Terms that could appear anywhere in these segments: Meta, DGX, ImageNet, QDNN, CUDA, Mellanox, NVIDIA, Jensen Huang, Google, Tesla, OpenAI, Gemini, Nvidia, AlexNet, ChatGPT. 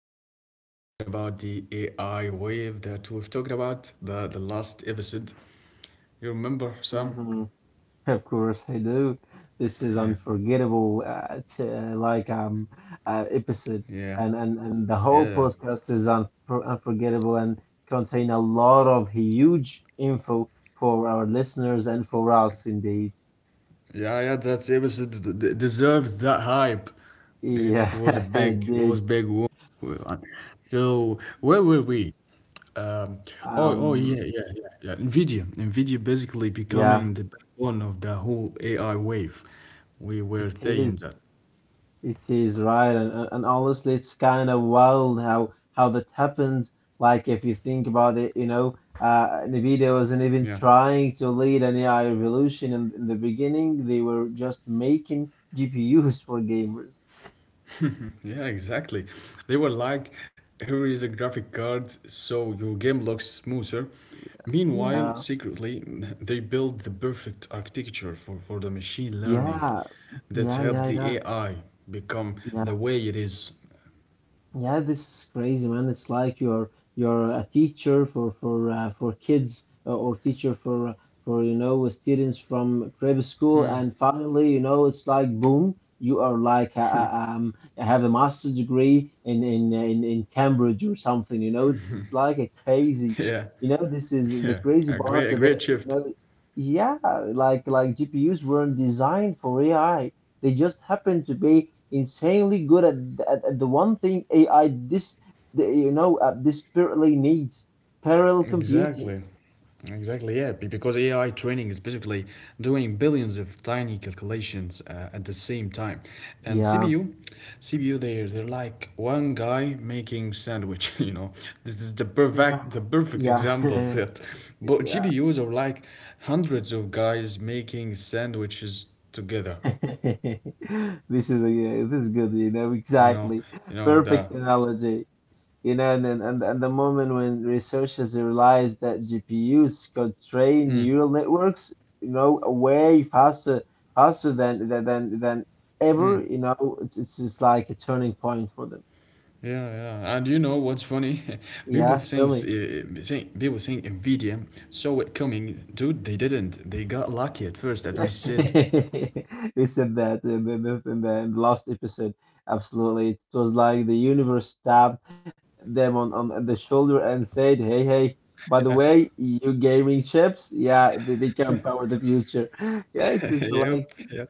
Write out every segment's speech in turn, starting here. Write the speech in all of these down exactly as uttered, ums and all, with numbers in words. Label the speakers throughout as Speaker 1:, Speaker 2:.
Speaker 1: episode talking about the A I wave that we've talked about the, the last episode. You remember, Sam?
Speaker 2: Mhm. Of course, I do. This is
Speaker 1: Yeah.
Speaker 2: unforgettable, uh, t uh, like um uh, episode,
Speaker 1: Yeah.
Speaker 2: and and and
Speaker 1: Yeah.
Speaker 2: the whole
Speaker 1: that's-
Speaker 2: podcast is un unforgettable and contain a lot of huge info for our listeners and for us, indeed.
Speaker 1: Yeah, yeah, that episode d- d- deserves that hype. It was a
Speaker 2: Yeah,
Speaker 1: big, it was
Speaker 2: indeed.
Speaker 1: big one. So, where were we? Um, oh, oh,
Speaker 2: Um,
Speaker 1: yeah, yeah, yeah, yeah. NVIDIA. NVIDIA basically
Speaker 2: yeah,
Speaker 1: becoming the backbone of the whole A I wave. We
Speaker 2: it
Speaker 1: were
Speaker 2: is.
Speaker 1: saying that.
Speaker 2: It is right, and, and and honestly, it's kind of wild how how that happens. Like if you think about it, you know, uh, Nvidia wasn't even
Speaker 1: Yeah,
Speaker 2: trying to lead an A I revolution in, in the beginning. They were just making G P Us for gamers.
Speaker 1: yeah, exactly. They were like, here is a graphic card so your game looks smoother.
Speaker 2: Yeah,
Speaker 1: Meanwhile,
Speaker 2: yeah,
Speaker 1: secretly, they build the perfect architecture for, for the machine learning
Speaker 2: yeah,
Speaker 1: that
Speaker 2: yeah,
Speaker 1: helped the
Speaker 2: yeah,
Speaker 1: A I become
Speaker 2: yeah.
Speaker 1: the way it is.
Speaker 2: Yeah, this is crazy, man. It's like you're you're a teacher for for uh, for kids uh, or teacher for uh, for you know students from private school, and finally, you know, it's like boom, you are like uh, uh, um have a master's degree in in in, in Cambridge or something. You know, it's it's like a crazy,
Speaker 1: Yeah,
Speaker 2: you know, this is
Speaker 1: yeah,
Speaker 2: the crazy
Speaker 1: a great,
Speaker 2: part
Speaker 1: a
Speaker 2: of it.
Speaker 1: great
Speaker 2: You
Speaker 1: shift.
Speaker 2: know, yeah, like like G P Us weren't designed for A I. They just happen to be insanely good at, at, at the one thing A I this the, you know uh, desperately needs parallel
Speaker 1: Exactly.
Speaker 2: computing.
Speaker 1: Exactly, yeah, be- because A I training is basically doing billions of tiny calculations uh, at the same time. And
Speaker 2: Yeah,
Speaker 1: CPU, CPU they're, they're like one guy making sandwich, you know. This is the
Speaker 2: Yeah.
Speaker 1: perfect the perfect
Speaker 2: yeah,
Speaker 1: example of that. But
Speaker 2: yeah.
Speaker 1: G P Us are like hundreds of guys making sandwiches together,
Speaker 2: This is a, yeah, this is good. You know
Speaker 1: you know.
Speaker 2: exactly
Speaker 1: You know
Speaker 2: perfect
Speaker 1: the
Speaker 2: analogy. You know, and and and and the moment when researchers realized that G P Us could train neural networks, you know, way faster faster than than than than ever. You know, it's it's just like a turning point for them.
Speaker 1: Yeah, yeah, and you know what's funny? People
Speaker 2: Yeah, tell
Speaker 1: think,
Speaker 2: me.
Speaker 1: uh, think people think Nvidia saw it coming. Dude, they didn't. They got lucky at first, as we said.
Speaker 2: We said that in the, the- in the, in the last episode. Absolutely. It was like the universe tapped them on, on the shoulder and said, hey, hey, by the way, you gaming chips, yeah, they, they can power the future. Yeah, it's it's like,
Speaker 1: Yep, yeah.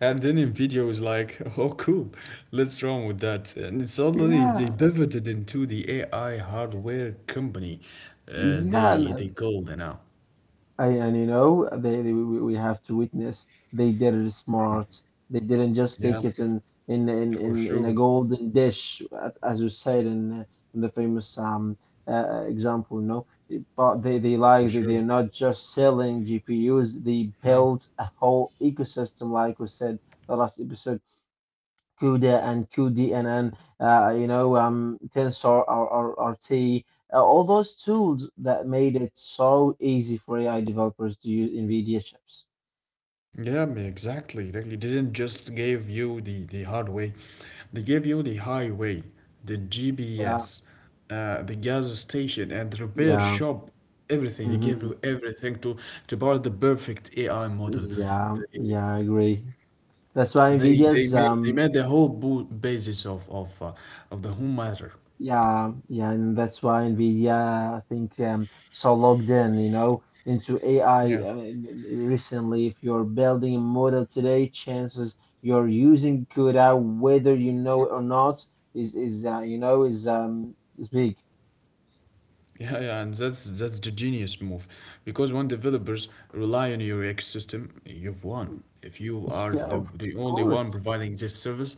Speaker 1: And then Nvidia was like, "Oh, cool, let's run with that." And suddenly they
Speaker 2: yeah,
Speaker 1: pivoted into the A I hardware company. Uh,
Speaker 2: yeah.
Speaker 1: they they called it now.
Speaker 2: I, and you know, they, they we we have to witness they did it smart. They didn't just
Speaker 1: Yeah,
Speaker 2: take it in in in
Speaker 1: for
Speaker 2: in, in a
Speaker 1: sure,
Speaker 2: golden dish, at- as you said in uh, in the famous um uh, example, you know. But they they
Speaker 1: for
Speaker 2: like they,
Speaker 1: sure.
Speaker 2: they're not just selling G P Us. They built a whole ecosystem, like we said the last episode. CUDA and Q D N N, uh, you know, um, Tensor or, or, or T, uh, all those tools that made it so easy for A I developers to use NVIDIA chips.
Speaker 1: Yeah, m- exactly. Exactly. like, They didn't just give you the, the hard way. They gave you the highway, the
Speaker 2: Yeah,
Speaker 1: G P S, uh, the gas station, and the repair
Speaker 2: yeah,
Speaker 1: shop. Everything. They gave
Speaker 2: hmm
Speaker 1: you everything to, to build the perfect A I model.
Speaker 2: yeah,
Speaker 1: They
Speaker 2: yeah, I agree. That's why
Speaker 1: they, they
Speaker 2: NVIDIA's
Speaker 1: made they
Speaker 2: um,
Speaker 1: made the whole bo- basis of of, uh, of the whole matter.
Speaker 2: yeah, yeah, and that's why NVIDIA, I think, um, so logged in, you know, into A I
Speaker 1: Yeah.
Speaker 2: uh, recently. If you're building a model today, chances you're using CUDA, whether you know it or not, is is uh, you know is um is big.
Speaker 1: Yeah, yeah, and that's that's the genius move, because when developers rely on your ecosystem, you've won. If you are
Speaker 2: Yeah,
Speaker 1: the
Speaker 2: of
Speaker 1: the only
Speaker 2: course.
Speaker 1: one providing this service,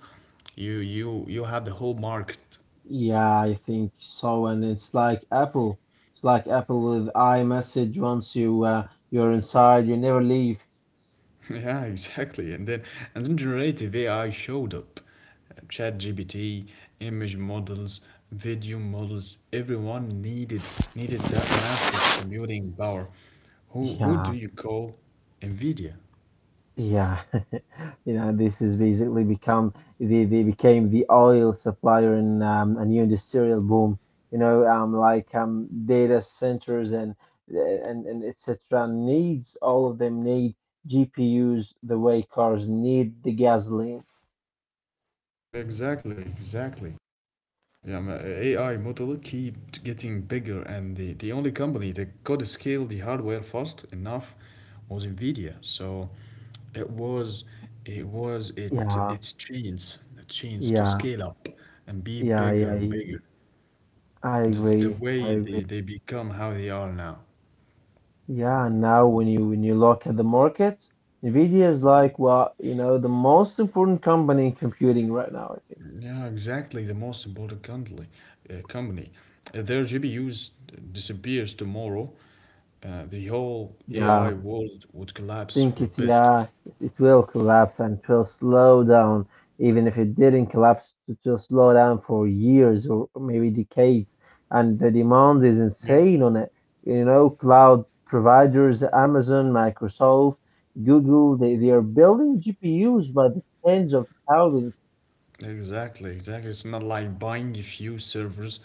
Speaker 1: you you you have the whole market.
Speaker 2: Yeah, I think so, and it's like Apple. It's like Apple with iMessage. Once you uh, you're inside, you never leave.
Speaker 1: Yeah, exactly. And then and then generative A I showed up. Uh, ChatGPT, image models, video models. Everyone needed needed that massive computing power. Who who do
Speaker 2: Yeah.
Speaker 1: you call? Nvidia.
Speaker 2: Yeah, you know, this has basically become they, they became the oil supplier in um, a new industrial boom. You know, um, like um, data centers and uh, and and et cetera needs all of them need G P Us the way cars need the gasoline.
Speaker 1: Exactly, exactly. Yeah, my A I model keeps getting bigger, and the, the only company that could scale the hardware fast enough was Nvidia. So it was it was it
Speaker 2: Yeah,
Speaker 1: its chance chance to
Speaker 2: yeah,
Speaker 1: scale up and be
Speaker 2: yeah,
Speaker 1: bigger
Speaker 2: yeah.
Speaker 1: and
Speaker 2: y-
Speaker 1: bigger.
Speaker 2: I
Speaker 1: That's the
Speaker 2: agree. I
Speaker 1: way
Speaker 2: agree.
Speaker 1: they, they become how they are now.
Speaker 2: Yeah, and now when you when you look at the market, Nvidia is like, well, you know, the most important company in computing right now, I think.
Speaker 1: Yeah, exactly. The most important company, uh, company. If their G P Us disappears tomorrow, uh, the whole
Speaker 2: Yeah.
Speaker 1: A I world would collapse
Speaker 2: think
Speaker 1: for
Speaker 2: it,
Speaker 1: a bit.
Speaker 2: yeah, it will collapse, and it will slow down. Even if it didn't collapse, it will slow down for years or maybe decades, and the demand is
Speaker 1: Yeah.
Speaker 2: insane on it. You know, cloud providers, Amazon, Microsoft, Google, they, they are building GPUs by the tens of thousands.
Speaker 1: Exactly, exactly. It's not like buying a few servers.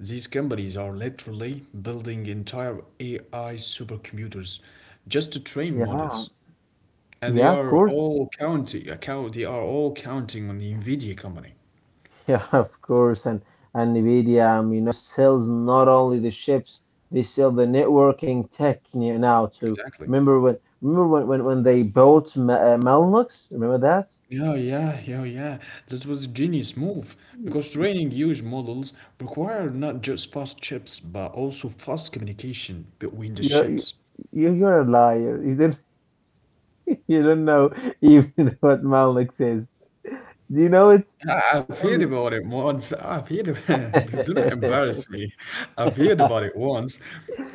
Speaker 1: These companies are literally building entire A I supercomputers just to train
Speaker 2: Yeah,
Speaker 1: models. And they
Speaker 2: yeah, of
Speaker 1: are
Speaker 2: course.
Speaker 1: all counting account they are all counting on the Nvidia company.
Speaker 2: Yeah, of course. And and NVIDIA, um, you know, sells not only the chips, they sell the networking tech ne- now too.
Speaker 1: Exactly.
Speaker 2: Remember when remember when when, when they bought Ma- uh, Mellanox? Remember that?
Speaker 1: Yeah, yeah, yeah, yeah. That was a genius move
Speaker 2: Y-
Speaker 1: because training huge models require not just fast chips but also fast communication between the
Speaker 2: You're you-
Speaker 1: chips.
Speaker 2: you're a liar. You didn't you don't know even what Mellanox is. Do you know it?
Speaker 1: I- I've
Speaker 2: Tell
Speaker 1: heard
Speaker 2: me.
Speaker 1: about it once. I've heard, do do not embarrass me. I've heard about it once,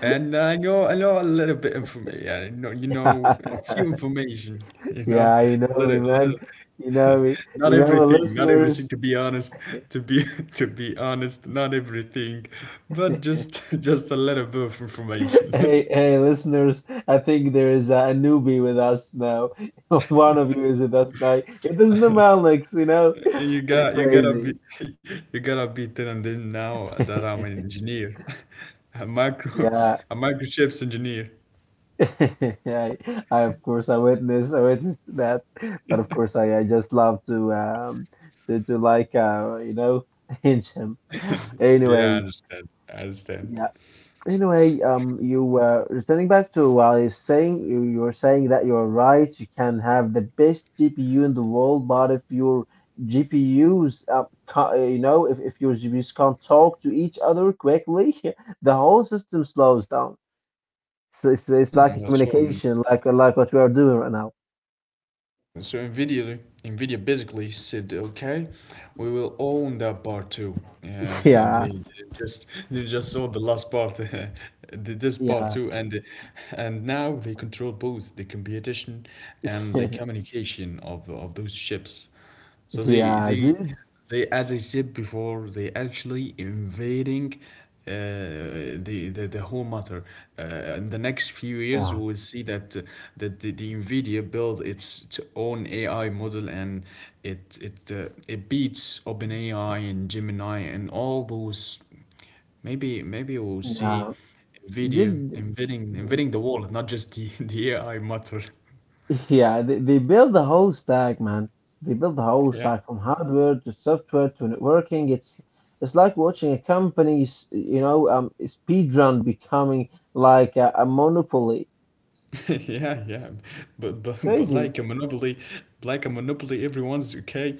Speaker 1: and I know I know a little bit information. Yeah, I know you know a few information. You know,
Speaker 2: Yeah, you know me,
Speaker 1: little little.
Speaker 2: man. You know me.
Speaker 1: Not
Speaker 2: You know my
Speaker 1: everything, not everything.
Speaker 2: listeners.
Speaker 1: To be honest, to be to be honest, not everything, but just just a little bit of information.
Speaker 2: Hey, hey, listeners, I think there is a newbie with us now. One of you is with us now. It is the Malik, you know?
Speaker 1: You
Speaker 2: Pretty
Speaker 1: got you gotta
Speaker 2: crazy.
Speaker 1: be, you gotta be telling them now that I'm an engineer, a micro,
Speaker 2: Yeah.
Speaker 1: a microchips engineer.
Speaker 2: I, I of course I witnessed I witnessed that, but of course I, I just love to um to to like uh you know hinge him.
Speaker 1: Yeah, I
Speaker 2: Anyway,
Speaker 1: understand. I understand.
Speaker 2: yeah, anyway, um, you were returning back to what I was saying. You, you were saying that you're right. You can have the best G P U in the world, but if your G P Us, uh, ca- uh, you know, if, if your G P Us can't talk to each other quickly, the whole system slows down. So it's, it's like a
Speaker 1: Mm, so um,
Speaker 2: communication, like like what we are doing right now.
Speaker 1: so Nvidia Nvidia basically said, okay, we will own that part too. Uh, they,
Speaker 2: Yeah,
Speaker 1: they just they just saw the last part, the- this part
Speaker 2: yeah,
Speaker 1: too, and and now they control both the computation and the communication of of those chips. So they
Speaker 2: yeah,
Speaker 1: they
Speaker 2: dude.
Speaker 1: they, as I said before, they actually invading uh, the, the the whole matter. Uh, in the next few years, we
Speaker 2: Yeah,
Speaker 1: will see that uh, that the, the Nvidia build its, its own A I model and it it uh, it beats OpenAI and Gemini and all those. Maybe maybe we'll see
Speaker 2: yeah,
Speaker 1: Nvidia
Speaker 2: dude.
Speaker 1: invading invading the world, not just the the A I matter.
Speaker 2: Yeah, they, they build the whole stack, man. They build the whole
Speaker 1: Yeah.
Speaker 2: stack from hardware to software to networking. It's it's like watching a company, s- you know, um, speedrun becoming like a, a monopoly.
Speaker 1: Yeah, yeah, but but but
Speaker 2: Crazy.
Speaker 1: like a monopoly, like a monopoly, everyone's okay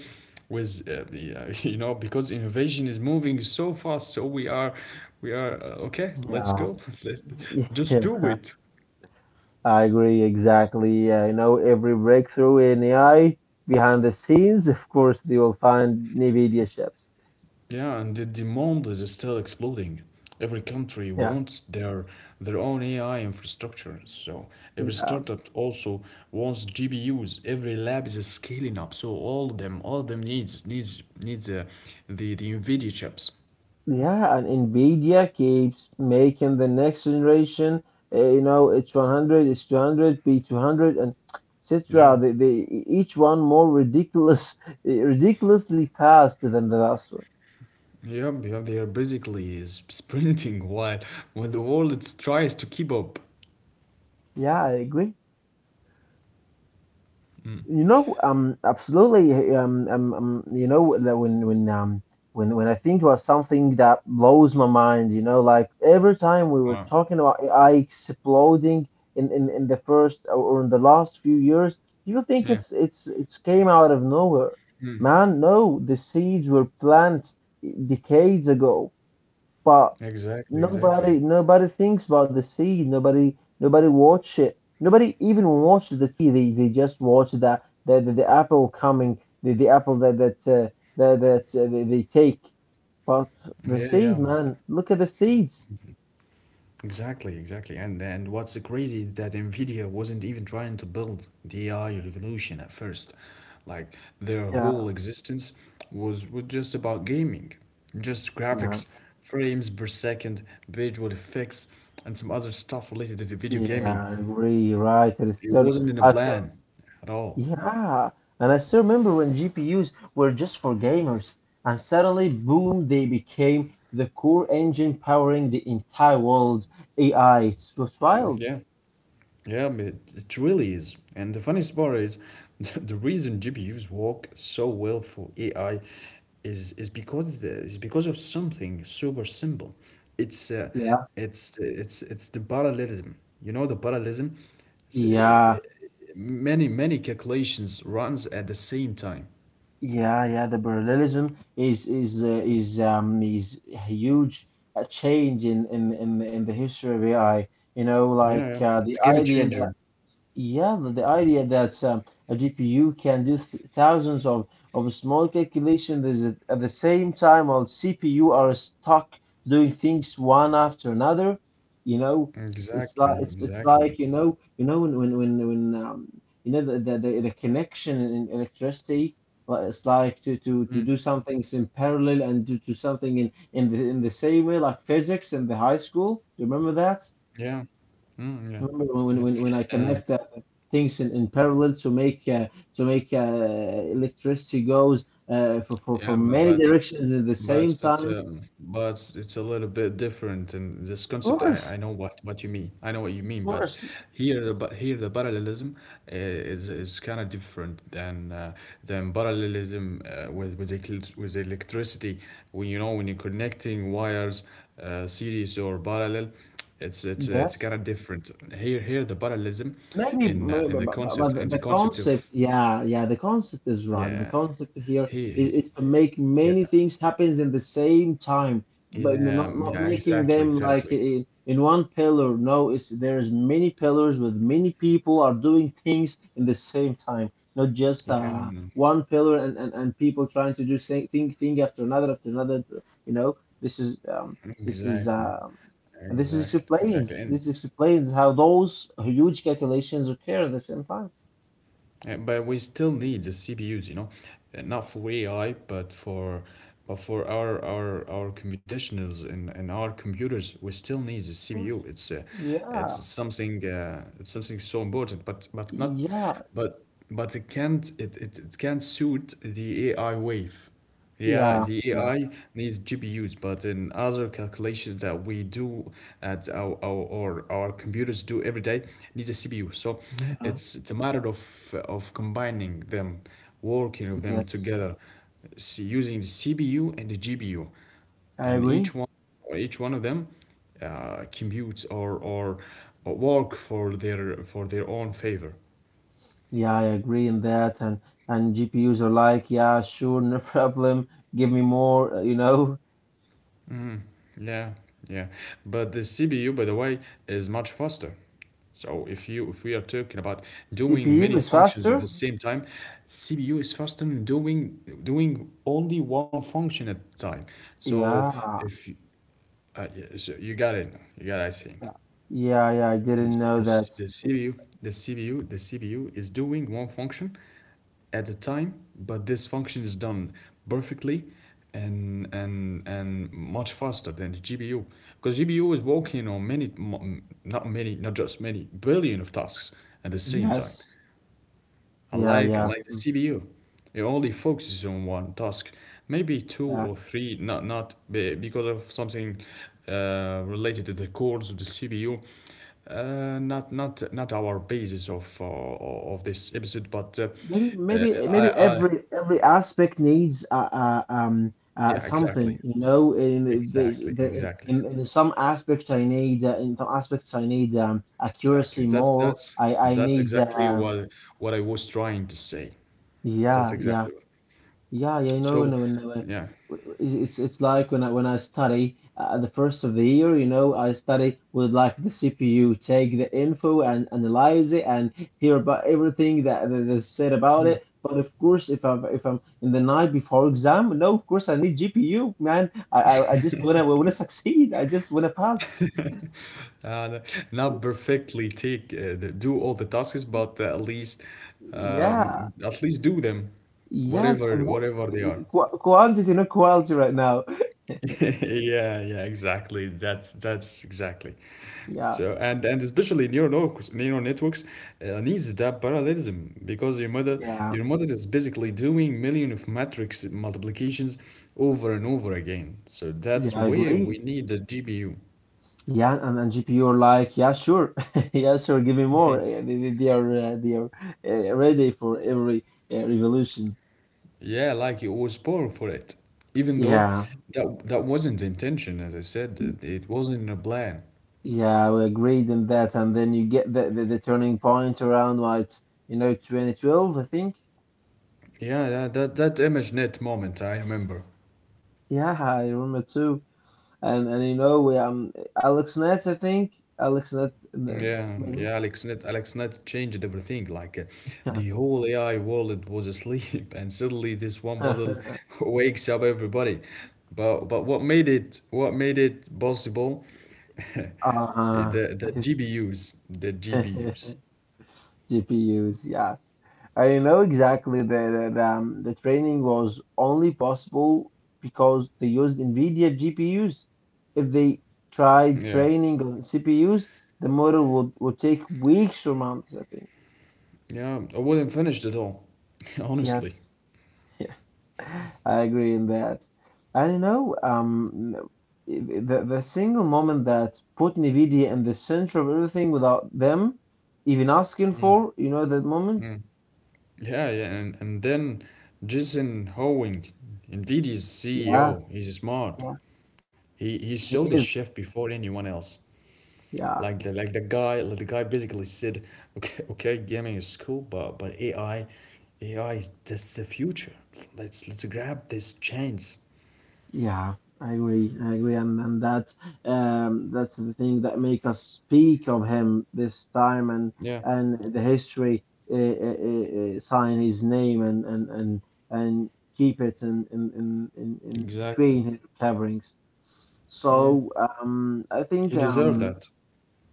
Speaker 1: with uh, yeah, you know, because innovation is moving so fast. So we are, we are uh, okay. Let's
Speaker 2: Yeah.
Speaker 1: go. Let- Just
Speaker 2: Yeah,
Speaker 1: do it.
Speaker 2: I agree exactly. Uh, you know, every breakthrough in A I behind the scenes, of course, they will find NVIDIA chips.
Speaker 1: Yeah, and the demand is still exploding. Every country
Speaker 2: Yeah.
Speaker 1: wants their their own A I infrastructure. So every
Speaker 2: Yeah.
Speaker 1: startup also wants G P U's. Every lab is scaling up. So all of them, all of them needs needs needs uh, the the NVIDIA chips.
Speaker 2: Yeah, and Nvidia keeps making the next generation. Uh, you know, it's one hundred, it's two hundred, B two hundred, and et cetera.
Speaker 1: Yeah,
Speaker 2: They, they each one more ridiculous, ridiculously fast than the last one.
Speaker 1: yeah, yeah. They are basically s- sprinting while when the world it's tries to keep up.
Speaker 2: Yeah, I agree. You know, um, absolutely. Um, um, um, you know that when when um when when I think about something that blows my mind, you know, like every time we were
Speaker 1: Wow.
Speaker 2: talking about A I exploding in in, in the first or or in the last few years, people think
Speaker 1: Yeah.
Speaker 2: it's it's it's came out of nowhere. Man, no, the seeds were planted decades ago. But
Speaker 1: Exactly. Exactly.
Speaker 2: nobody nobody thinks about the sea. Nobody nobody watch it. Nobody even watched the sea. They they just watched that the, the, the apple coming the, the apple that that uh, that, that uh, they, they take. But
Speaker 1: Yeah.
Speaker 2: the
Speaker 1: Yeah.
Speaker 2: seed, man, look at the seeds.
Speaker 1: Exactly. Exactly. And and what's crazy is that Nvidia wasn't even trying to build the A I revolution at first. Like their
Speaker 2: Yeah,
Speaker 1: whole existence was was just about gaming, just graphics,
Speaker 2: yeah,
Speaker 1: frames per second, visual effects, and some other stuff related to the video gaming.
Speaker 2: yeah. I agree. Right. It is
Speaker 1: It
Speaker 2: still.
Speaker 1: wasn't in a plan at all.
Speaker 2: Yeah, and I still remember when G P Us were just for gamers, and suddenly, boom, they became the core engine powering the entire world. A I, it was wild.
Speaker 1: Yeah, yeah, but it really is. And the funniest part is the reason G P Us work so well for A I is is because the, is because of something super simple. It's uh,
Speaker 2: Yeah,
Speaker 1: it's it's it's the parallelism. You know the parallelism. S- uh,
Speaker 2: yeah,
Speaker 1: Many many calculations runs at the same time.
Speaker 2: yeah, yeah. The parallelism is is uh, is um is a huge uh, change in in in in the history of A I. You know,
Speaker 1: Yeah,
Speaker 2: like
Speaker 1: yeah.
Speaker 2: uh,
Speaker 1: It's a
Speaker 2: the
Speaker 1: game
Speaker 2: idea.
Speaker 1: changer.
Speaker 2: Yeah, the the idea that um, a G P U can do th thousands of, of small calculations is at at the same time while C P U are stuck doing things one after another. You know, it's, it's
Speaker 1: Exactly,
Speaker 2: like it's, it's
Speaker 1: exactly.
Speaker 2: like you know you know when when when, when um, you know the, the the the connection in electricity. li- It's like to, to, to do some things in parallel and do, do something in, in the in the same way like physics in the high school. Do you remember that?
Speaker 1: Yeah. Mm, yeah.
Speaker 2: Remember when, when, when I
Speaker 1: Yeah. Uh,
Speaker 2: connect uh, things in, in parallel to make uh, to make uh, electricity goes uh, for, for,
Speaker 1: Yeah,
Speaker 2: for
Speaker 1: m-
Speaker 2: many
Speaker 1: but
Speaker 2: directions at the
Speaker 1: but
Speaker 2: same
Speaker 1: it,
Speaker 2: time?
Speaker 1: um, but it's a little bit different in this concept.
Speaker 2: Of
Speaker 1: I, I know
Speaker 2: course,
Speaker 1: what, what you mean. I know what you
Speaker 2: of
Speaker 1: mean, but
Speaker 2: course.
Speaker 1: here the but here the parallelism i- is is kind of different than uh, than parallelism uh, with with ec- with electricity. When you know when you're connecting wires, uh, series or parallel, it's it's uh, it's kind of
Speaker 2: Yes.
Speaker 1: different. Here, here the parallelism
Speaker 2: Maybe,
Speaker 1: in uh, in
Speaker 2: maybe,
Speaker 1: the
Speaker 2: but, but, but
Speaker 1: concept
Speaker 2: the
Speaker 1: and the
Speaker 2: the
Speaker 1: concept
Speaker 2: concept,
Speaker 1: of
Speaker 2: yeah, yeah, the concept is right.
Speaker 1: yeah.
Speaker 2: The concept here
Speaker 1: He,
Speaker 2: is,
Speaker 1: he,
Speaker 2: is to make
Speaker 1: yeah.
Speaker 2: many things happen in the same time, but
Speaker 1: Yeah,
Speaker 2: n- not
Speaker 1: yeah,
Speaker 2: not making
Speaker 1: exactly,
Speaker 2: them
Speaker 1: exactly.
Speaker 2: like in, in one pillar. No, it's there's many pillars with many people are doing things in the same time, not just
Speaker 1: Yeah,
Speaker 2: uh,
Speaker 1: mm,
Speaker 2: one pillar, and, and, and people trying to do same thing thing after another after another. You know, this is um, this
Speaker 1: exactly.
Speaker 2: is um. And this
Speaker 1: Exactly,
Speaker 2: is
Speaker 1: exactly. And
Speaker 2: explains this explains how those huge calculations occur at the same time.
Speaker 1: uh, but we still need the C P Us, you know, uh, not for A I, but for but for our our our computationals and, and our computers, we still need the
Speaker 2: Of
Speaker 1: C P U.
Speaker 2: course.
Speaker 1: It's uh, it's
Speaker 2: Yeah,
Speaker 1: something uh, it's something so important, but but not
Speaker 2: yeah,
Speaker 1: but but it can't it, it, it can't suit the A I wave. Yeah,
Speaker 2: yeah,
Speaker 1: the
Speaker 2: yeah,
Speaker 1: A I needs G P Us, but in other calculations that we do at our, our or our computers do every day needs a C P U. So
Speaker 2: yeah.
Speaker 1: it's it's a matter of of combining them, working of them
Speaker 2: Yes,
Speaker 1: together, s using the C P U and the G P U,
Speaker 2: I
Speaker 1: and each
Speaker 2: agree.
Speaker 1: one each one of them uh, computes or, or or work for their for their own favor.
Speaker 2: Yeah, I agree in that. And and G P Us are like, yeah, sure, no problem. Give me more, uh, you know.
Speaker 1: Yeah, yeah. But the C P U, by the way, is much faster. So if you, if we are talking about doing
Speaker 2: C P U
Speaker 1: many
Speaker 2: is faster.
Speaker 1: functions at the same time, C P U is faster than doing doing only one function at a time. So
Speaker 2: Yeah,
Speaker 1: if you, uh, yeah, so you got it, you got it, I think.
Speaker 2: yeah, yeah. yeah, I didn't know
Speaker 1: This,
Speaker 2: that.
Speaker 1: this, the CPU, the CPU, the C P U is doing one function at a time, but this function is done perfectly and and and much faster than the G P U because G P U is working on many, m- not many, not just many billion of tasks at the same time.
Speaker 2: Yes.
Speaker 1: I
Speaker 2: Yeah,
Speaker 1: like I
Speaker 2: yeah,
Speaker 1: like the
Speaker 2: mm,
Speaker 1: C P U. It only focuses on one task, maybe two
Speaker 2: yeah.
Speaker 1: or three. Not not be- because of something uh, related to the cores of the C P U. Uh, not not not our basis of uh, of this episode, but uh,
Speaker 2: Maybe,
Speaker 1: uh,
Speaker 2: maybe,
Speaker 1: I
Speaker 2: maybe
Speaker 1: I
Speaker 2: every every aspect needs uh, uh, um, uh,
Speaker 1: yeah exactly
Speaker 2: something, you know. In
Speaker 1: exactly
Speaker 2: there's there
Speaker 1: exactly
Speaker 2: in, in some aspects I need uh, in some aspects I need um,
Speaker 1: exactly.
Speaker 2: accuracy
Speaker 1: That's
Speaker 2: more.
Speaker 1: that's
Speaker 2: I I
Speaker 1: that's
Speaker 2: need
Speaker 1: exactly
Speaker 2: um,
Speaker 1: what what I was trying to say. That's
Speaker 2: yeah, yeah.
Speaker 1: exactly what.
Speaker 2: Yeah, yeah, you know,
Speaker 1: So
Speaker 2: when when when
Speaker 1: yeah.
Speaker 2: it's it's it's like when I when I study uh, at the first of the year, you know, I study with like the C P U take the info and analyze it and hear about everything that that they said about it. But of course, if I'm if I'm in the night before exam, no, of course I need G P U, man. I I, I just wanna wanna succeed. I just wanna pass.
Speaker 1: Uh, Not perfectly take uh, the, do all the tasks, but uh, at least
Speaker 2: Yeah,
Speaker 1: um, at least do them,
Speaker 2: yeah,
Speaker 1: whatever
Speaker 2: qu
Speaker 1: whatever they are.
Speaker 2: qu quantity, not quality right now.
Speaker 1: Yeah, yeah, exactly. That's that's exactly. So
Speaker 2: Yeah,
Speaker 1: and and especially neural networks, neural networks uh, needs that parallelism because your model
Speaker 2: yeah,
Speaker 1: your model is basically doing million of matrix multiplications over and over again. So that's
Speaker 2: yeah, I
Speaker 1: where we
Speaker 2: agree.
Speaker 1: need the G P U.
Speaker 2: Yeah, and, and G P U are like, yeah, sure, yeah, sure, give me more. Eh, They, they they are uh, they are uh, ready for every uh, revolution.
Speaker 1: Yeah, like it was born for it, even though
Speaker 2: Yeah,
Speaker 1: that that wasn't the intention. As I said, it,
Speaker 2: Y-
Speaker 1: it wasn't in a plan.
Speaker 2: yeah, we agreed on that, and then you get the, the, the turning point around like you know two thousand twelve, I think.
Speaker 1: Yeah, yeah, that that ImageNet moment, I remember.
Speaker 2: Yeah, I remember too. And and you know we um AlexNet, I think AlexNet, um,
Speaker 1: Yeah, yeah,
Speaker 2: maybe.
Speaker 1: AlexNet, AlexNet changed everything. Like uh,
Speaker 2: Yeah.
Speaker 1: the whole A I world was asleep, and suddenly this one model wakes up everybody. But but what made it what made it possible? The
Speaker 2: Uh-huh.
Speaker 1: the G P Us the G P Us.
Speaker 2: G P Us, yes. I know exactly that, that um, the training was only possible because they used NVIDIA G P Us. If they tried
Speaker 1: Yeah.
Speaker 2: training on C P Us, the model would, would take weeks or months, I think.
Speaker 1: Yeah, I wouldn't finish it all, honestly.
Speaker 2: Yes, yeah, I agree in that. I don't know, um, the, the single moment that put NVIDIA in the center of everything without them even asking
Speaker 1: Mm.
Speaker 2: for, you know, that moment?
Speaker 1: Yeah, yeah, and, and then Jason Hoeing, NVIDIA's
Speaker 2: Yeah,
Speaker 1: C E O, he's smart.
Speaker 2: yeah.
Speaker 1: He he
Speaker 2: It
Speaker 1: showed the
Speaker 2: is.
Speaker 1: shift before anyone else.
Speaker 2: Yeah,
Speaker 1: Like the, like the guy, like the guy basically said, okay, okay, gaming is cool, but but A I, A I is that's the future. Let's let's grab this chance.
Speaker 2: yeah, I agree. I agree, and and that's um that's the thing that make us speak of him this time, and
Speaker 1: Yeah,
Speaker 2: and the history uh, uh, uh, sign his name and and and and keep it in in in in, in
Speaker 1: exactly.
Speaker 2: between his coverings.
Speaker 1: Yeah,
Speaker 2: So um, I
Speaker 1: he
Speaker 2: think
Speaker 1: deserved that.
Speaker 2: um.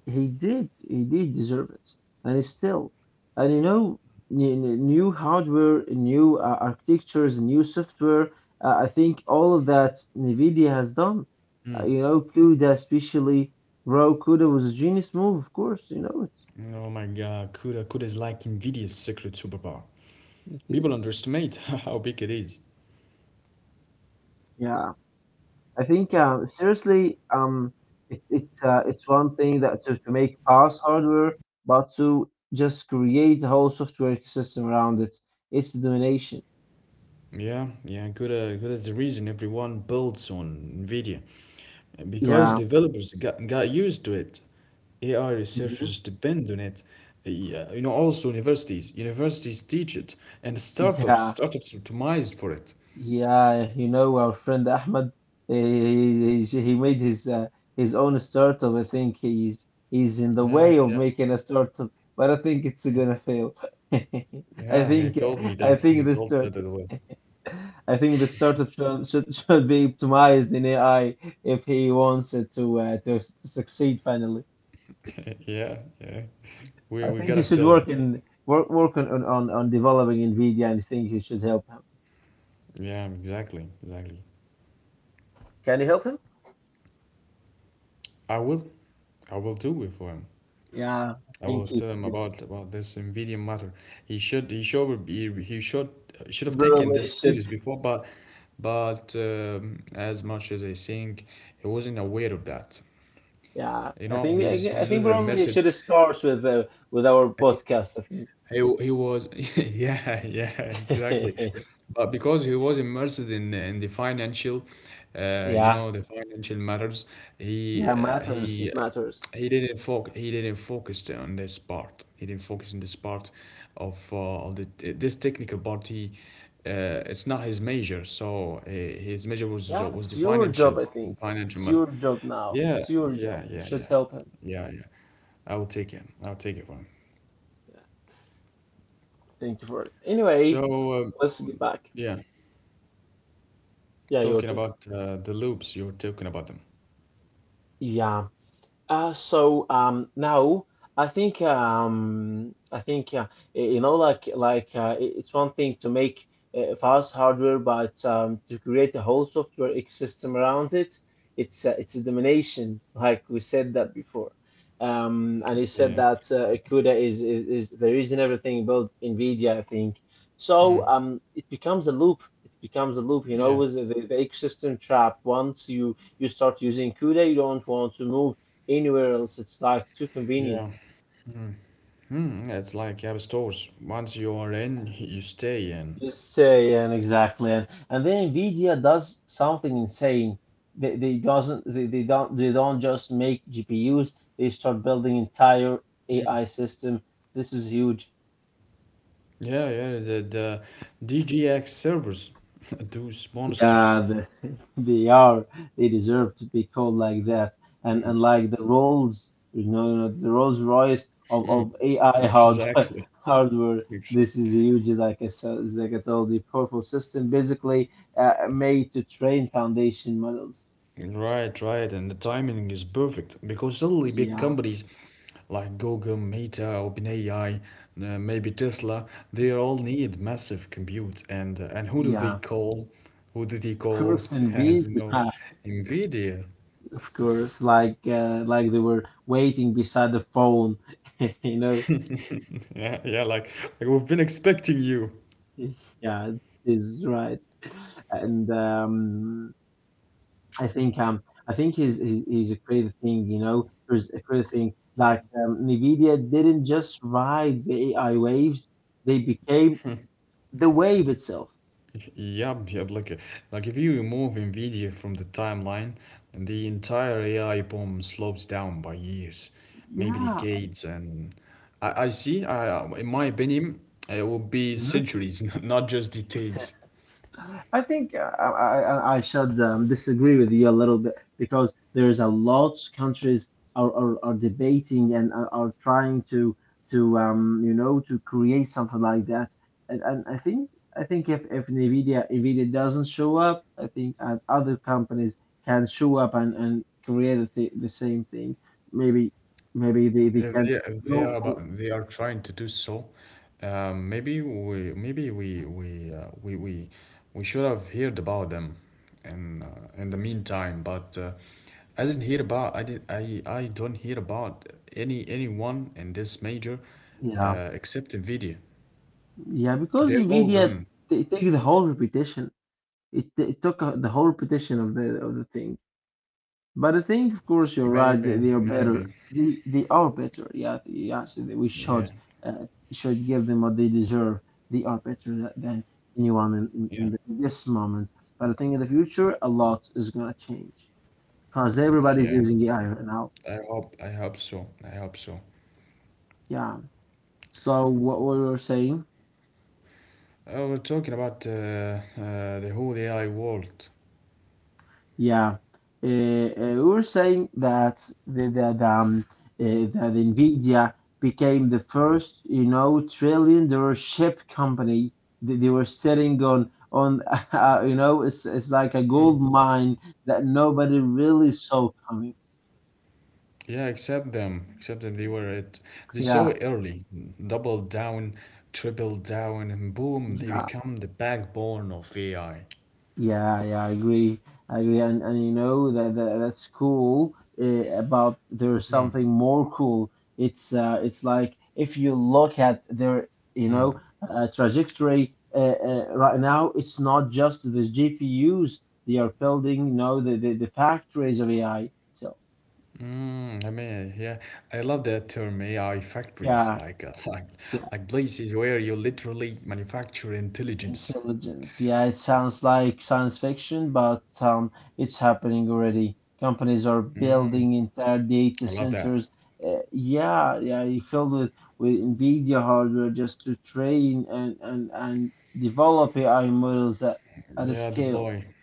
Speaker 2: He did, he did deserve it, and still, and you know n- n- new hardware, new uh, architectures, new software, uh, I think all of that NVIDIA has done.
Speaker 1: Mm.
Speaker 2: Uh, you know, CUDA especially, bro, CUDA was a genius move, of course, you know it.
Speaker 1: Oh my God, CUDA, CUDA is like NVIDIA's secret superpower.
Speaker 2: It
Speaker 1: People
Speaker 2: is.
Speaker 1: underestimate how big it is.
Speaker 2: Yeah, I think uh, seriously. um it, it's uh, it's one thing that to, to make fast hardware, but to just create a whole software ecosystem around it. It's the domination.
Speaker 1: Yeah, yeah, good. Uh, good is the reason everyone builds on NVIDIA. Because
Speaker 2: Yeah.
Speaker 1: developers got, got used to it. A I researchers
Speaker 2: Mhm.
Speaker 1: depend on it. Yeah, you know, also universities. Universities teach it. And startups,
Speaker 2: Yeah,
Speaker 1: startups optimized for it.
Speaker 2: yeah. You know, our friend Ahmed, he, he, he made his uh, his own startup. I think he's he's in the
Speaker 1: Yeah, yeah,
Speaker 2: way of making a startup, but I think it's
Speaker 1: yeah.
Speaker 2: gonna fail. I
Speaker 1: Yeah, he
Speaker 2: think.
Speaker 1: told me
Speaker 2: I
Speaker 1: that. He
Speaker 2: think the
Speaker 1: told me
Speaker 2: start
Speaker 1: that way.
Speaker 2: I think the startup should should, should be optimized in A I if he wants it to uh, to, to succeed finally.
Speaker 1: Yeah, yeah. We we
Speaker 2: I think
Speaker 1: gotta
Speaker 2: he
Speaker 1: tell
Speaker 2: should
Speaker 1: him.
Speaker 2: work in work work on on, on on developing NVIDIA, and I think you should help him.
Speaker 1: Yeah, exactly, exactly.
Speaker 2: Can you help him?
Speaker 1: I will, I will do it for him.
Speaker 2: Yeah, I
Speaker 1: I will
Speaker 2: think he
Speaker 1: tell him
Speaker 2: should.
Speaker 1: about about this Nvidia matter. He should he should be he should should have taken
Speaker 2: Probably
Speaker 1: this
Speaker 2: should.
Speaker 1: serious before, but but um, as much as I think he wasn't aware of that.
Speaker 2: Yeah,
Speaker 1: You know,
Speaker 2: I think.
Speaker 1: he's he's
Speaker 2: I, I
Speaker 1: literally
Speaker 2: think probably
Speaker 1: immersed.
Speaker 2: it should start with uh, with our podcast. I
Speaker 1: He he was yeah yeah exactly,
Speaker 2: think.
Speaker 1: but because he was immersed in in the financial, uh, you
Speaker 2: Yeah,
Speaker 1: know, the financial matters. He
Speaker 2: yeah,
Speaker 1: uh,
Speaker 2: matters.
Speaker 1: he
Speaker 2: It
Speaker 1: uh,
Speaker 2: matters.
Speaker 1: he didn't focus, he didn't focus on this part. He didn't focus on this part of uh, of the this technical part. He uh, It's not his major, so uh, his major was
Speaker 2: Yeah,
Speaker 1: was
Speaker 2: it's
Speaker 1: the
Speaker 2: your
Speaker 1: financial
Speaker 2: job. I think
Speaker 1: financial
Speaker 2: it's
Speaker 1: matter.
Speaker 2: your job
Speaker 1: Yeah
Speaker 2: now. It's your
Speaker 1: yeah
Speaker 2: job.
Speaker 1: yeah
Speaker 2: It
Speaker 1: yeah
Speaker 2: should help him.
Speaker 1: yeah yeah. I will take him. I will take it for him.
Speaker 2: Yeah, thank you for it.
Speaker 1: So
Speaker 2: Anyway,
Speaker 1: um,
Speaker 2: let's get back.
Speaker 1: yeah.
Speaker 2: Yeah, your
Speaker 1: Talking
Speaker 2: topic.
Speaker 1: about uh, the loops, you're talking about them.
Speaker 2: Yeah. Uh, so um, now, I think. um, I think uh, y- you know, like like uh, i- it's one thing to make uh, fast hardware, but um, to create a whole software ecosystem around it. It's uh, it's a domination. Like we said that before, um, and you
Speaker 1: Yeah.
Speaker 2: said that uh, CUDA is, is is the reason everything built NVIDIA, I think.
Speaker 1: Mm.
Speaker 2: So um, it becomes a loop. It becomes a loop. You know,
Speaker 1: Yeah.
Speaker 2: with the, the ecosystem trap. Once you you start using CUDA, you don't want to move anywhere else. It's like too
Speaker 1: Yeah.
Speaker 2: convenient.
Speaker 1: Mm, yeah, it's like App Stores. Once you are in, you stay in.
Speaker 2: Just yeah, and exactly, and, and then Nvidia does something insane. They they doesn't they, they don't they don't just make G P Us. They start building entire A I system. This is huge.
Speaker 1: Yeah, yeah. The, the D G X servers, those
Speaker 2: Yeah,
Speaker 1: monsters.
Speaker 2: the, they are. They deserve to be called like that. And and like the Rolls, you know, the Rolls Royce of, of A I hardware,
Speaker 1: Exactly.
Speaker 2: hardware. This
Speaker 1: Exactly.
Speaker 2: is a huge, like I said, like I told you, powerful system basically uh, made to train foundation models.
Speaker 1: Right, right, and the timing is perfect because suddenly big
Speaker 2: Yeah,
Speaker 1: companies like Google, Meta, OpenAI, uh, maybe Tesla, they all need massive compute, and uh, and who do they
Speaker 2: yeah.
Speaker 1: call? Who do they
Speaker 2: Of
Speaker 1: call?
Speaker 2: course, NVIDIA,
Speaker 1: As you know,
Speaker 2: yeah,
Speaker 1: Nvidia.
Speaker 2: of course, like uh, like they were waiting beside the phone, you know.
Speaker 1: Yeah, yeah, like like we've been expecting you.
Speaker 2: Yeah, it is right. And um, I think. um I think is is is a crazy thing, you know, there's a crazy thing. Like um, Nvidia didn't just ride the A I waves; they became the wave itself.
Speaker 1: Yep, yep. Like, like if you remove Nvidia from the timeline, the entire A I boom slopes down by years, maybe
Speaker 2: Yeah,
Speaker 1: decades, and I, I see. I, in my opinion, it will be centuries, not just decades.
Speaker 2: I think uh, I, I, I should um, disagree with you a little bit, because there's a lot countries are, are, are debating and are, are trying to to um, you know to create something like that. And, and I think. I think if, if Nvidia Nvidia doesn't show up, I think uh, other companies can show up and and create the, th- the same thing. Maybe Maybe they,
Speaker 1: If
Speaker 2: they
Speaker 1: they
Speaker 2: can
Speaker 1: if they are
Speaker 2: go
Speaker 1: about
Speaker 2: for.
Speaker 1: they are trying to do so, um, maybe we maybe we we uh, we we we should have heard about them, in uh, in the meantime. But uh, I didn't hear about I did I I don't hear about any anyone in this major,
Speaker 2: Yeah,
Speaker 1: uh, except Nvidia.
Speaker 2: yeah, because
Speaker 1: They're all
Speaker 2: Nvidia,
Speaker 1: gone.
Speaker 2: they take the whole reputation. It, it took uh, the whole repetition of the of the thing. But I think, of course, you're right.
Speaker 1: Maybe
Speaker 2: They, they are
Speaker 1: maybe
Speaker 2: better. They they are better. Yeah, yes. We
Speaker 1: yeah
Speaker 2: should uh, should give them what they deserve. They are better tha- than anyone in, in, in,
Speaker 1: yeah
Speaker 2: the, in this moment. But I think in the future, a lot is gonna change because
Speaker 1: yeah.
Speaker 2: everybody's using A I right now.
Speaker 1: I hope I hope so. I hope so.
Speaker 2: Yeah. So what we were saying?
Speaker 1: Uh, we're talking about uh, uh, the whole A I world.
Speaker 2: Yeah, uh, uh, we were saying that the, the, the, um, uh, that Nvidia became the first, you know, trillion dollar chip company. They, they were sitting on on uh, you know, it's it's like a gold mine that nobody really saw coming.
Speaker 1: Yeah, accept them. Accept them. They were at they saw
Speaker 2: Yeah,
Speaker 1: it early. Double down, triple down, and boom, they
Speaker 2: yeah.
Speaker 1: become the backbone of A I.
Speaker 2: Yeah, yeah, I agree. I agree. And and you know that that that's cool. Uh, but there's
Speaker 1: Mm,
Speaker 2: something more cool. It's uh, it's like, if you look at their you
Speaker 1: mm,
Speaker 2: know uh, trajectory uh, uh, right now, it's not just the G P Us they are building. You know, the the, the factories of A I. So
Speaker 1: mm, I mean, yeah, I love that term A I factories,
Speaker 2: yeah,
Speaker 1: like uh, like
Speaker 2: yeah.
Speaker 1: like places where you literally manufacture intelligence.
Speaker 2: Intelligence. Yeah, it sounds
Speaker 1: That's,
Speaker 2: like science fiction, but um, it's happening already. Companies are
Speaker 1: mm,
Speaker 2: building entire data
Speaker 1: I love that.
Speaker 2: centers. Uh, yeah, yeah, you filled with with NVIDIA hardware just to train and and and develop A I models at at a
Speaker 1: Yeah,
Speaker 2: scale.
Speaker 1: deploy.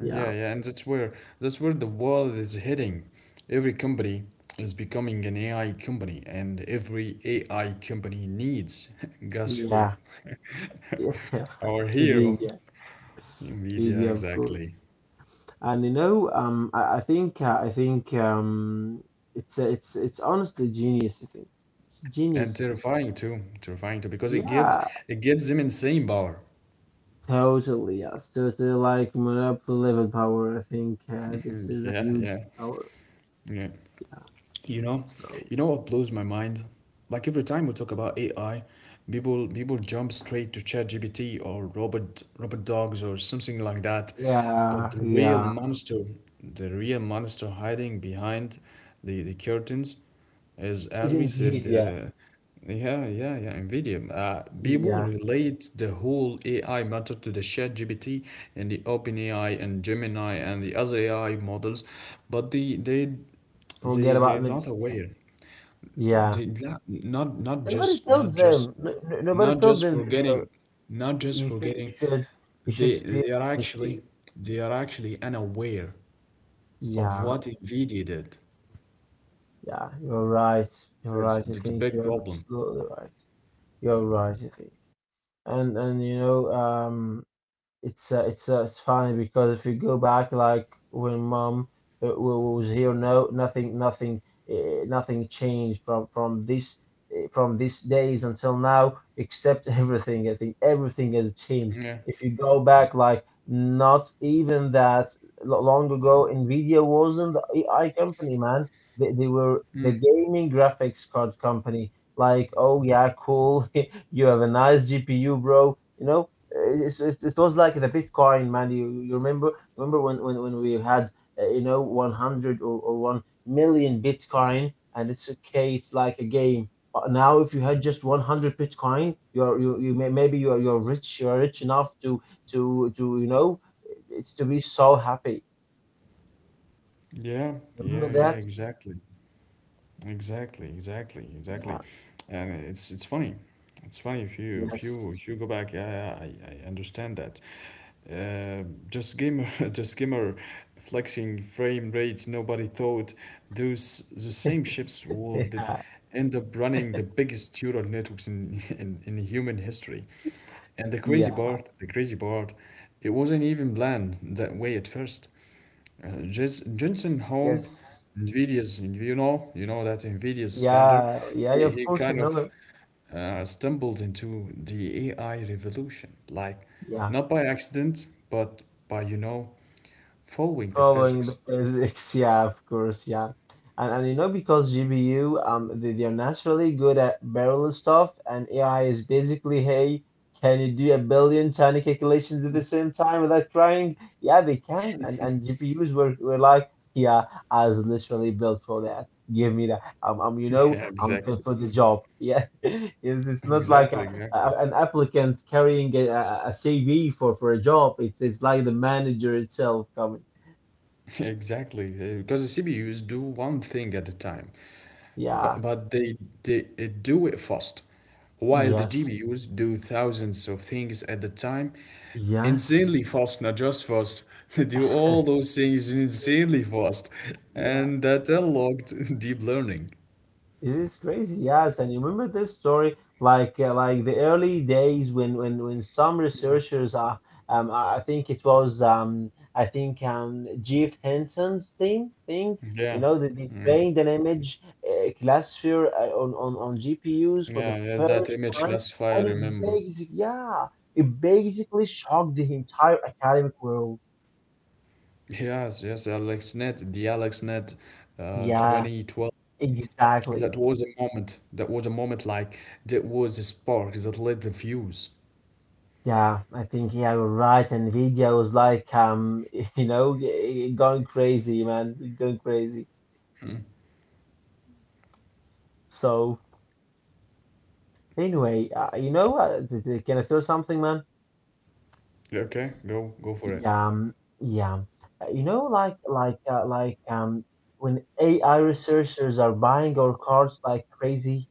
Speaker 2: Yeah,
Speaker 1: Yeah, yeah, and that's where that's where the world is heading. Every company is becoming an A I company, and every A I company needs guess who?
Speaker 2: yeah, yeah.
Speaker 1: Our hero,
Speaker 2: NVIDIA,
Speaker 1: Nvidia,
Speaker 2: NVIDIA, of course.
Speaker 1: exactly.
Speaker 2: And you know, um, I, I think uh, I think um, it's it's it's honestly genius. I think it's
Speaker 1: And
Speaker 2: genius.
Speaker 1: terrifying too, terrifying too, because it gives
Speaker 2: Yeah,
Speaker 1: it gives them insane power.
Speaker 2: totally. Yes, totally. Like monopoly level power. I think uh, this is a
Speaker 1: Yeah,
Speaker 2: huge
Speaker 1: yeah,
Speaker 2: power.
Speaker 1: yeah.
Speaker 2: Yeah.
Speaker 1: You know,
Speaker 2: So
Speaker 1: you know what blows my mind? Like every time we talk about A I, people people jump straight to ChatGPT or Robert Robert Dogs or something like that. But
Speaker 2: yeah,
Speaker 1: the real
Speaker 2: yeah.
Speaker 1: monster, the real monster hiding behind the, the curtains is, as we
Speaker 2: It's
Speaker 1: said,
Speaker 2: Nvidia.
Speaker 1: uh, yeah, yeah, yeah, NVIDIA. Uh, people
Speaker 2: Yeah.
Speaker 1: relate the whole A I matter to the ChatGPT and the OpenAI and Gemini and the other A I models, but they they they
Speaker 2: Forget
Speaker 1: they're
Speaker 2: about
Speaker 1: not aware.
Speaker 2: Nvidia.
Speaker 1: They
Speaker 2: Yeah.
Speaker 1: not not not
Speaker 2: Nobody
Speaker 1: just not
Speaker 2: tells
Speaker 1: just
Speaker 2: them. No, no- nobody
Speaker 1: not
Speaker 2: tells
Speaker 1: just
Speaker 2: them that they are.
Speaker 1: forgetting, not just
Speaker 2: You should.
Speaker 1: forgetting
Speaker 2: You should. You
Speaker 1: they
Speaker 2: should feel
Speaker 1: they are actually
Speaker 2: guilty.
Speaker 1: they are actually unaware of
Speaker 2: Yeah.
Speaker 1: what Nvidia did.
Speaker 2: Yeah. You're right.
Speaker 1: That's
Speaker 2: You're right.
Speaker 1: that's a
Speaker 2: I
Speaker 1: big
Speaker 2: think you're
Speaker 1: problem.
Speaker 2: absolutely right. You're right. I think. And and you know. um. It's uh, it's uh, it's funny because if you go back, like when mom uh, was here. No, nothing nothing uh, nothing changed from from this, uh, from these days until now, except everything, I think, everything has changed.
Speaker 1: Yeah.
Speaker 2: If you go back, like, not even that lo- long ago, nvidia wasn't the A I company, man. They, they were the gaming graphics card company, like, oh yeah, cool. You have a nice G P U, bro, you know. Uh, it's, it, it was like the Bitcoin, man. You, you remember remember when, when, when we had uh, you know one hundred or, or one million Bitcoin, and it's okay, it's like a game. But now, if you had just one hundred Bitcoin, you're you, you may, maybe you're you're rich, you're rich enough to to to you know it's to be so happy.
Speaker 1: Yeah,
Speaker 2: You
Speaker 1: yeah,
Speaker 2: remember
Speaker 1: yeah,
Speaker 2: that?
Speaker 1: exactly. Exactly, exactly, exactly.
Speaker 2: Yeah.
Speaker 1: And it's it's funny. It's funny if you if
Speaker 2: Yes.
Speaker 1: you if you go back, yeah, yeah, I, I understand that. Uh, just gamer, just gamer flexing frame rates. Nobody thought those the same ships would
Speaker 2: Yeah.
Speaker 1: end up running the biggest neural networks in in, in human history. And the crazy
Speaker 2: Yeah.
Speaker 1: part, the crazy part, it wasn't even planned that way at first. Uh, Jis- Jensen Huang,
Speaker 2: Yes.
Speaker 1: Nvidia's, you know, you know that Nvidia's founder,
Speaker 2: Yeah.
Speaker 1: he,
Speaker 2: Yeah, yeah,
Speaker 1: he
Speaker 2: of
Speaker 1: kind
Speaker 2: course I
Speaker 1: of
Speaker 2: know.
Speaker 1: uh, stumbled into the A I revolution, like
Speaker 2: Yeah.
Speaker 1: not by accident, but by, you know, following the
Speaker 2: Following the
Speaker 1: physics.
Speaker 2: physics, yeah, of course, yeah. And, and you know, because G P U, um, they, they are naturally good at parallel stuff, and A I is basically, hey, can you do a billion tiny calculations at the same time without trying? Yeah, they can. And and G P Us were, were like, yeah, I was literally built for that. Give me that. Um, um, you
Speaker 1: Yeah,
Speaker 2: know, I'm
Speaker 1: exactly.
Speaker 2: fit for the job. Yeah, it's, it's not like
Speaker 1: Exactly,
Speaker 2: a,
Speaker 1: exactly.
Speaker 2: a, an applicant carrying a, a a C V for for a job. It's it's like the manager itself coming.
Speaker 1: Exactly. uh, Because the C P Us do one thing at a time. But,
Speaker 2: Yeah.
Speaker 1: but they, they uh, do it fast. While the
Speaker 2: Yes.
Speaker 1: G P Us do thousands of things at the time,
Speaker 2: Yes.
Speaker 1: insanely fast, not just fast, they do all those things insanely fast.
Speaker 2: Yeah,
Speaker 1: And that unlocked deep learning.
Speaker 2: it is crazy. Yes, and you remember this story, like uh, like the early days when when when some researchers, uh, um, I I think it was, um, I think um, Jeff Hinton's team, I think
Speaker 1: Yeah,
Speaker 2: you know, they, they trained an image uh, classifier uh, on on on G P Us for the
Speaker 1: yeah, yeah, that
Speaker 2: first
Speaker 1: image
Speaker 2: time,
Speaker 1: last fire, I
Speaker 2: and it
Speaker 1: remember.
Speaker 2: basic yeah, it basically shocked the entire academic world.
Speaker 1: Yes, yes, AlexNet, the AlexNet uh,
Speaker 2: Yeah,
Speaker 1: twenty twelve. That
Speaker 2: exactly.
Speaker 1: was a moment. that was a moment like that was a spark that lit the fuse.
Speaker 2: Yeah, I think. Yeah, you're right. And Nvidia was like, um, you know, g- going crazy, man, going crazy.
Speaker 1: Hmm.
Speaker 2: So anyway, uh, you know, uh, th- th- can I tell you something, man?
Speaker 1: Okay, go go for it.
Speaker 2: Yeah, um, yeah. Uh, You know, like like uh, like um, when A I researchers are buying our cards like crazy,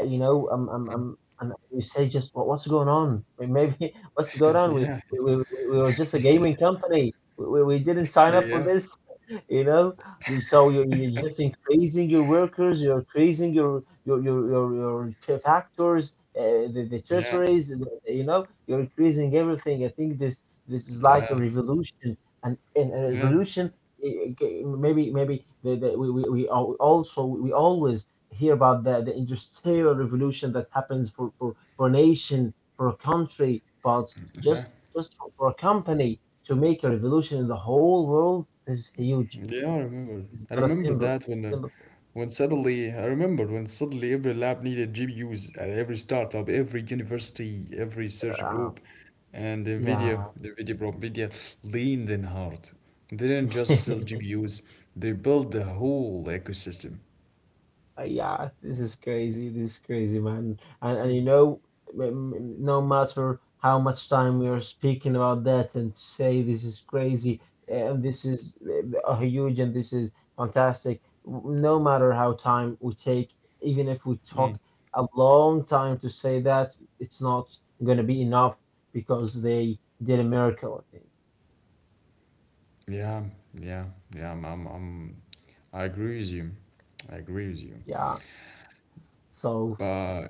Speaker 2: uh, you know, um, um, um, and you say, just what, what's going on? May- Maybe what's going on? We
Speaker 1: Yeah,
Speaker 2: we we, we we were just a gaming company. We, we we didn't sign up for
Speaker 1: yeah,
Speaker 2: this. you know. So you're, you're just increasing your workers, you're increasing your your your your, your fa- factors, uh, the, the
Speaker 1: yeah,
Speaker 2: territories. The- you know, you're increasing everything. I think this this is like a
Speaker 1: yeah,
Speaker 2: revolution, and and a
Speaker 1: yeah,
Speaker 2: revolution. Eh, okay, maybe maybe the, the, we, we, we al- also, we always hear about the, the industrial revolution that happens for, for for a nation, for a country, but just
Speaker 1: yeah.
Speaker 2: just for for a company to make a revolution in the whole world is huge.
Speaker 1: Yeah, I remember.
Speaker 2: It's
Speaker 1: I
Speaker 2: not a
Speaker 1: remember
Speaker 2: symbol. So-
Speaker 1: that when, uh,
Speaker 2: symbol.
Speaker 1: when suddenly I remember when suddenly every lab needed G P Us at every startup, every university, every research
Speaker 2: Uh,
Speaker 1: group, and NVIDIA,
Speaker 2: yeah.
Speaker 1: NVIDIA bro, NVIDIA leaned in hard. They didn't just sell G P Us; they built the whole ecosystem.
Speaker 2: Yeah, this is crazy. This is crazy, man. And and
Speaker 1: Mm.
Speaker 2: you know, m- m- no matter how much time we are speaking about that and say this is crazy and this is uh, huge and this is fantastic, w- no matter how time we take, even if we
Speaker 1: Mm.
Speaker 2: talk a long time to say that, it's not gonna be enough because they did a miracle, I think.
Speaker 1: Yeah, yeah, yeah. I'm, I'm, I'm, I agree with you. I agree with you.
Speaker 2: Yeah. So.
Speaker 1: But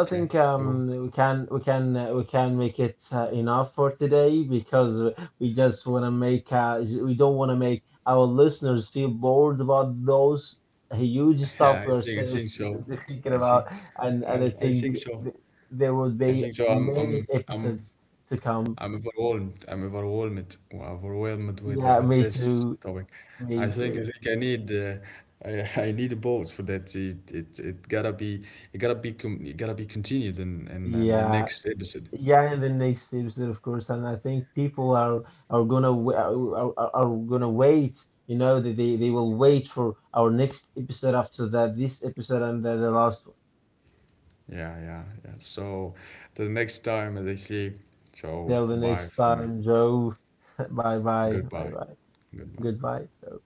Speaker 2: I think
Speaker 1: go.
Speaker 2: um, we can we can uh, we can make it uh, enough for today, because we just want to make uh, we don't want to make our listeners feel bored about those huge
Speaker 1: Yeah, I
Speaker 2: stuff
Speaker 1: think
Speaker 2: we're
Speaker 1: I think
Speaker 2: so-
Speaker 1: so.
Speaker 2: s- s-
Speaker 1: I
Speaker 2: thinking
Speaker 1: think
Speaker 2: about, and
Speaker 1: I,
Speaker 2: and I
Speaker 1: I think
Speaker 2: think
Speaker 1: so.
Speaker 2: th- there would
Speaker 1: I
Speaker 2: be
Speaker 1: think so. I'm
Speaker 2: many
Speaker 1: I'm I'm
Speaker 2: episodes to come.
Speaker 1: I'm overwhelmed. I'm overwhelmed. Overwhelmed with the-
Speaker 2: Yeah,
Speaker 1: with
Speaker 2: me
Speaker 1: this
Speaker 2: too,
Speaker 1: topic. I
Speaker 2: me
Speaker 1: think I
Speaker 2: too.
Speaker 1: think I need uh, I, I need a boat for that. It, it it gotta be it gotta be com it gotta be continued in, in in the
Speaker 2: Yeah.
Speaker 1: next episode.
Speaker 2: Yeah, in the next episode, of course, and I think people are are gonna wa- uh, are, are are gonna wait. You know, they they they will wait for our next episode after that, this episode, and then the last one.
Speaker 1: Yeah, yeah, yeah. So the next time, as I say, so
Speaker 2: Till the
Speaker 1: bye
Speaker 2: next
Speaker 1: for now.
Speaker 2: time, Joe. Bye bye, bye
Speaker 1: Goodbye,
Speaker 2: bye,
Speaker 1: goodbye.
Speaker 2: goodbye, Joe.